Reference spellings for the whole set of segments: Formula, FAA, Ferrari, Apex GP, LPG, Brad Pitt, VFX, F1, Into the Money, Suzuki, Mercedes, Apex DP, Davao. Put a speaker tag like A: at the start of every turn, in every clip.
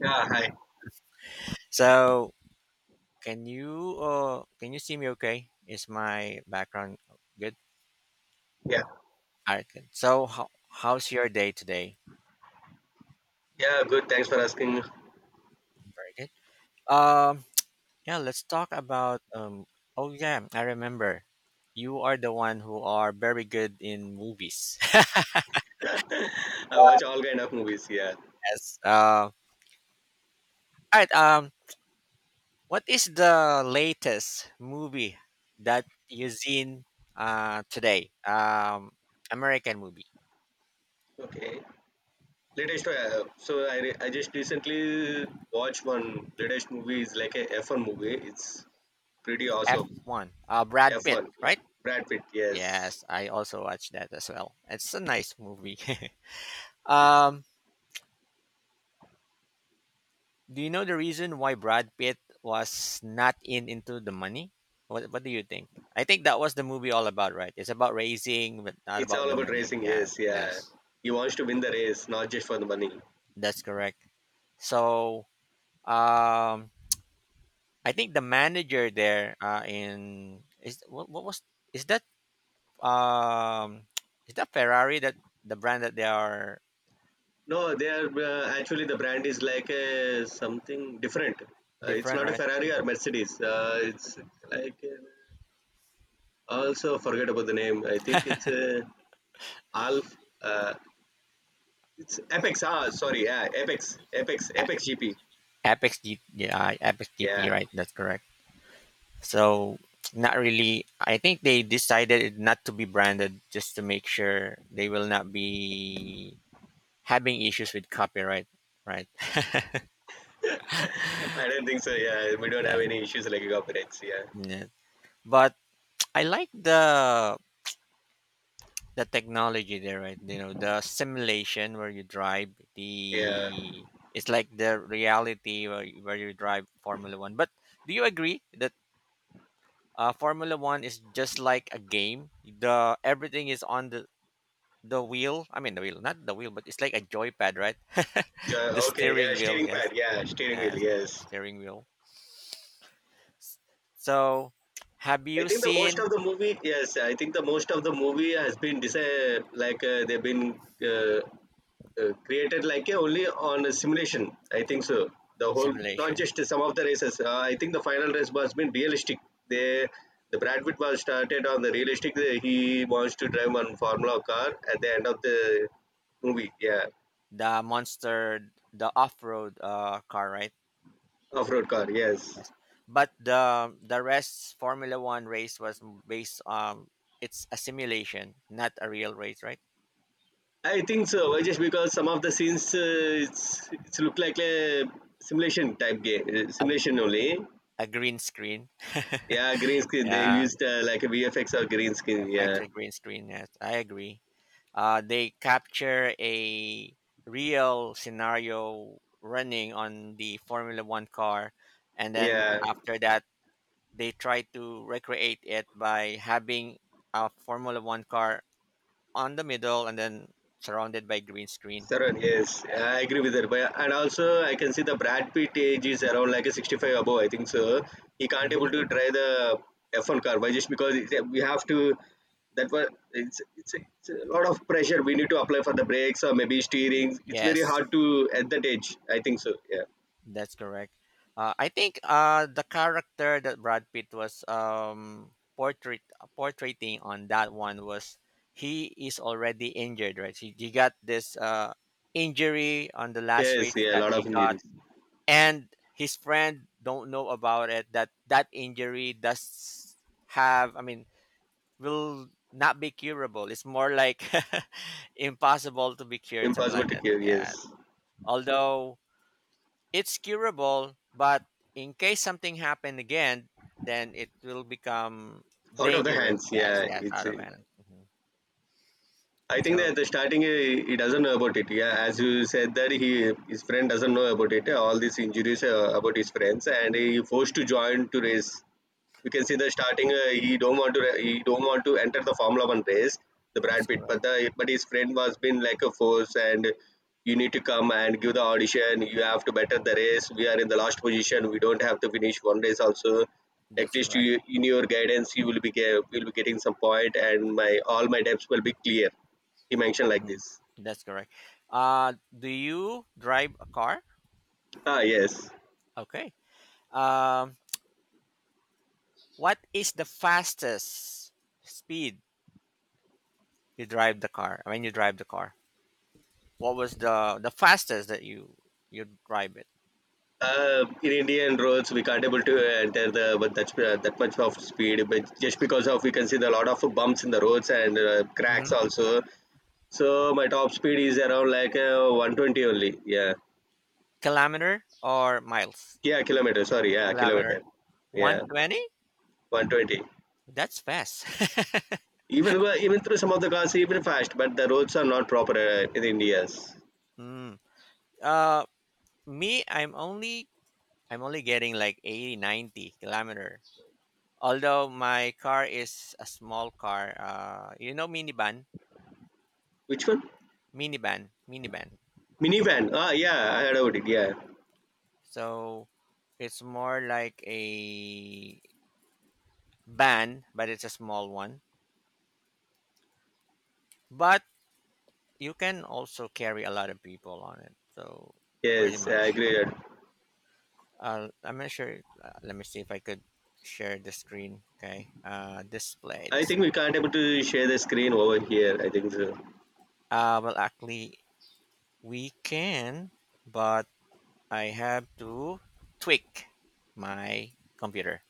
A: Yeah, hi.
B: So can you see me okay? Is my background good?
A: Yeah,
B: All right, good. So how's your day today?
A: yeah. Good. Thanks for asking.
B: Very good. Um yeah, let's talk about oh yeah, I remember. You are the one who are very good in movies.
A: I watch all kind of movies. Yeah.
B: Yes. All right, what is the latest movie that you've seen today? American movie.
A: Okay. Latest. So I just recently watched one latest movie. Is like a F1 movie. It's pretty awesome.
B: F1. Brad
A: F
B: Pitt,
A: one. Yeah.
B: right?
A: Brad Pitt. Yes.
B: Yes, I also watched that as well. It's a nice movie.
A: It's
B: um, do you know the reason why Brad Pitt was not in Into the Money? What do you think? I think that was the movie all about, right? It's about raising, but not
A: it's
B: about
A: all
B: the
A: about
B: money.
A: racing.
B: Yeah,
A: Yes. Yeah.
B: yes,
A: He wants to win the race, not just for the money.
B: that's correct. So, um, I think the manager there, in is what was is that um, is that Ferrari, that the brand that they are
A: No, they are actually the brand is like a something different. It's
B: different,
A: not a
B: right?
A: Ferrari or Mercedes. It's like, a, also, forget about the name. I think it's a Alf. Uh, it's Apex. Ah, sorry. Yeah, Apex. Apex. Apex GP.
B: Apex D Yeah, Apex DP,
A: Yeah.
B: right? That's correct. So not really. I think they decided it not to be branded just to make sure they will not be having issues with copyright, right?
A: I don't think so. Yeah, we don't have
B: that,
A: any issues like copyrights. Yeah.
B: yeah. But I like the technology there, right? The simulation where you drive
A: Yeah.
B: the it's like the reality where you drive Formula One. But do you agree that Formula One is just like a game? The Everything is on the wheel. I mean the wheel, not the wheel, but it's like a joypad, right? The
A: Okay. Yeah,
B: steering wheel,
A: steering
B: yes,
A: pad. Yeah, steering wheel.
B: yes,
A: Yes.
B: steering wheel. So, have
A: I
B: you
A: think the most
B: seen?
A: of the movie. Yes, I think the most of the movie has been like they've been created like a only on a simulation. I think so. The whole, not
B: Simulation,
A: just some of the races. I think the final race was been realistic. They, the Brad Pitt was started on the realistic. He wants to drive one Formula car at the end of the movie. Yeah,
B: the monster, the off-road, car, right?
A: off-road car. Yes,
B: Yes, but the rest Formula One race was based on, it's a simulation, not a real race, right?
A: I think so. Just because some of the scenes, it's look like a simulation type game,
B: A,
A: simulation only.
B: a green screen.
A: Yeah, green screen. They
B: Yeah.
A: used like a VFX or green screen. Yeah,
B: Affected green screen. Yes, I agree. They capture a real scenario running on the Formula One car, and then
A: yeah.
B: after that, they try to recreate it by having a Formula One car on the middle and then surrounded by green screen.
A: Saran, yes,
B: Yes.
A: I agree with that. But and also I can see the Brad Pitt age is around like a 65 above. I think so. He can't able
B: Hmm.
A: to try the F1 car. Why just because we have to. That was It's a lot of pressure. We need to apply for the brakes or maybe steering. It's very
B: Yes.
A: hard to at that age. I think so. Yeah.
B: That's correct. I think the character that Brad Pitt was portrait portraying on that one was he is already injured, right? He got this injury on the last
A: Yes.
B: race
A: Yeah. A
B: that
A: lot of
B: he got,
A: injuries.
B: and his friend don't know about it. That injury does have, I mean, will not be curable. It's more like impossible to be cured, something
A: Impossible
B: like
A: to
B: that.
A: cure.
B: Yeah.
A: Yes.
B: Although it's curable, but in case something happened again, then it will become
A: Out of the
B: dangerous.
A: hands.
B: Yes,
A: Yeah.
B: yes,
A: It's
B: out of balance. Mhm.
A: I think that at
B: So
A: the starting he doesn't know about it. Yeah, as you said that he his friend doesn't know about it. All these injuries about his friends, and he forced to join to race. You can see the starting he don't want to enter the formula one race, the
B: that's
A: Brad Pitt, but
B: correct.
A: the but his friend was been like a force, and you need to come and give the audition. You have to better the race. We are in the last position. We don't have to finish one race also. At
B: That's
A: least
B: correct.
A: you, in your guidance you will be getting some point, and my all my debts will be clear. He mentioned like
B: Mhm.
A: this.
B: That's correct. Do you drive a car?
A: Yes.
B: Okay. Um, what is the fastest speed you drive the car? When you drive the car, what was the fastest that you drive it?
A: In Indian roads, we can't able to enter the but that, that much of speed, but just because of we can see the lot of bumps in the roads and cracks
B: Hmm.
A: also. So my top speed is around like 120 only. Yeah,
B: Kilometer or miles?
A: yeah, kilometer. Sorry, yeah, kilometer.
B: Kilometer.
A: Yeah,
B: 120.
A: 120.
B: That's fast.
A: Even even through some of the cars, even fast, but the roads are not proper in India's.
B: Mm. Uh, Me, I'm only getting like 80, ninety, 90 kilometers. Although my car is a small car. Minivan,
A: Which one?
B: minivan, minivan.
A: Minivan. Ah, yeah, I
B: Yeah.
A: heard about it. Yeah,
B: So it's more like a van, but it's a small one. But you can also carry a lot of people on it. So pretty
A: yes, I
B: much.
A: agree.
B: I'm not sure. Let me see if I could share the screen. Okay. Display
A: I
B: this.
A: think we can't able to share the screen over here. I think so.
B: Well, actually, we can, but I have to tweak my computer.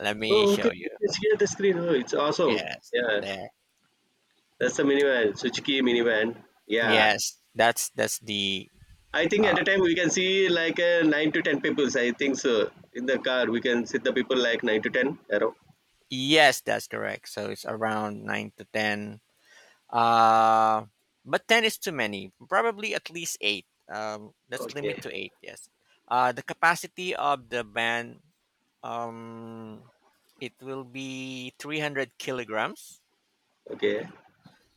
B: Let me
A: Oh, okay.
B: show you.
A: It's here the screen. Oh, it's awesome.
B: Yes,
A: Yeah,
B: there.
A: that's a minivan, Suzuki minivan. Yeah,
B: Yes, that's the.
A: I think
B: Uh,
A: at a time we can see like 9 to 10 people. I think so. In the car, we can sit the people like 9 to 10 around.
B: yes, that's correct. So it's around 9 to 10. Uh, but 10 is too many. Probably at least eight. Let's limit
A: Okay.
B: to eight. Yes. The capacity of the band. Um, it will be 300 kilograms.
A: Okay.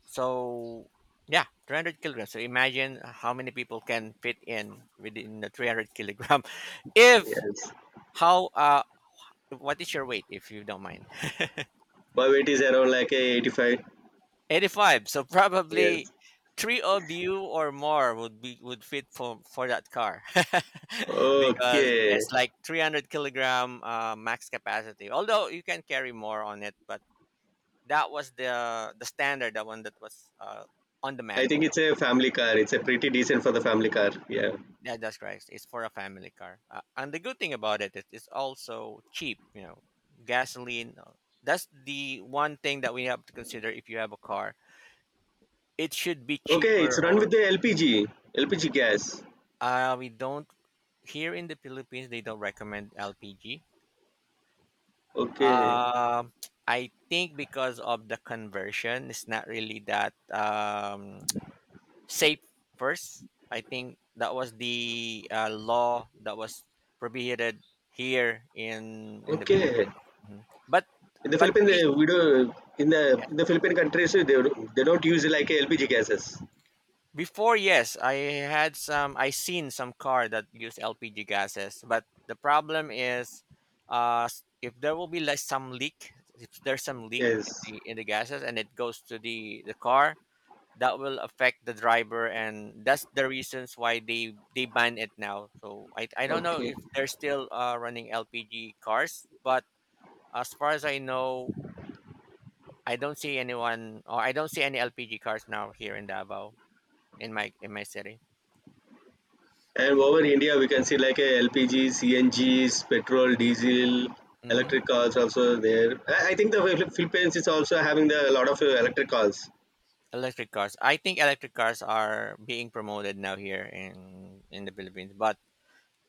B: So yeah, 300 kilograms. So imagine how many people can fit in within the 300 kilogram. If
A: Yes.
B: how What is your weight if you don't mind?
A: My weight is around like a 85.
B: 85. So probably
A: Yes.
B: three of you or more would fit for that car. Because
A: Okay.
B: it's like 300 kilogram max capacity. Although you can carry more on it, but that was the standard, the one that was on the
A: I think
B: manual.
A: it's a family car. It's a pretty decent for the family car. Yeah.
B: Yeah, that's correct. It's for a family car. And the good thing about it is it's also cheap, gasoline. That's the one thing that we have to consider if you have a car. It should be
A: Okay.
B: cheaper
A: It's run with
B: or
A: the LPG gas.
B: we don't, here in the Philippines, they don't recommend LPG.
A: Okay.
B: Um I think because of the conversion, it's not really that safe first. I think that was the law that was prohibited here in the
A: Okay.
B: Philippines. Mhm. But
A: In the
B: but
A: Philippines,
B: we
A: we do in the Philippine countries they don't use like LPG gases.
B: before, yes, I seen some car that use LPG gases, but the problem is if there will be like some leak, if there's some leak in
A: Yes.
B: the in the gases and it goes to the car, that will affect the driver, and that's the reasons why they ban it now. So I don't know
A: Okay.
B: if they're still running LPG cars, but as far as I know, I don't see anyone, or I don't see any LPG cars now here in Davao, in my city.
A: And over India, we can see like a LPG, CNGs, petrol, diesel,
B: Hmm.
A: electric cars also there. I think the Philippines is also having the, a lot of electric cars.
B: electric cars I think electric cars are being promoted now here in the Philippines, but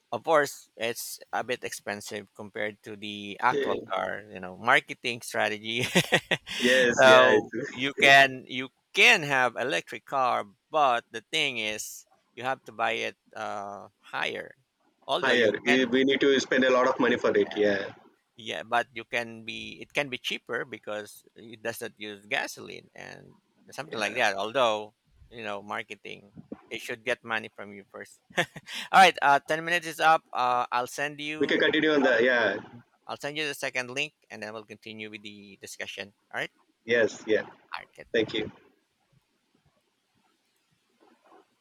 B: of course, it's a bit expensive compared to the
A: Okay.
B: actual car, marketing strategy.
A: Yes, yeah,
B: So
A: it's
B: you can have electric car, but the thing is you have to buy it higher. Although
A: higher.
B: you can,
A: We need to spend a lot of money for it. Yeah,
B: yeah, but you can be it can be cheaper because it doesn't use gasoline and something like
A: yeah.
B: that. Although, marketing, it should get money from you first. All right, 10 minutes is up.
A: We can continue on the, yeah.
B: I'll send you the second link and then we'll continue with the discussion. All right.
A: Yes, yeah.
B: All right. Good.
A: Thank you.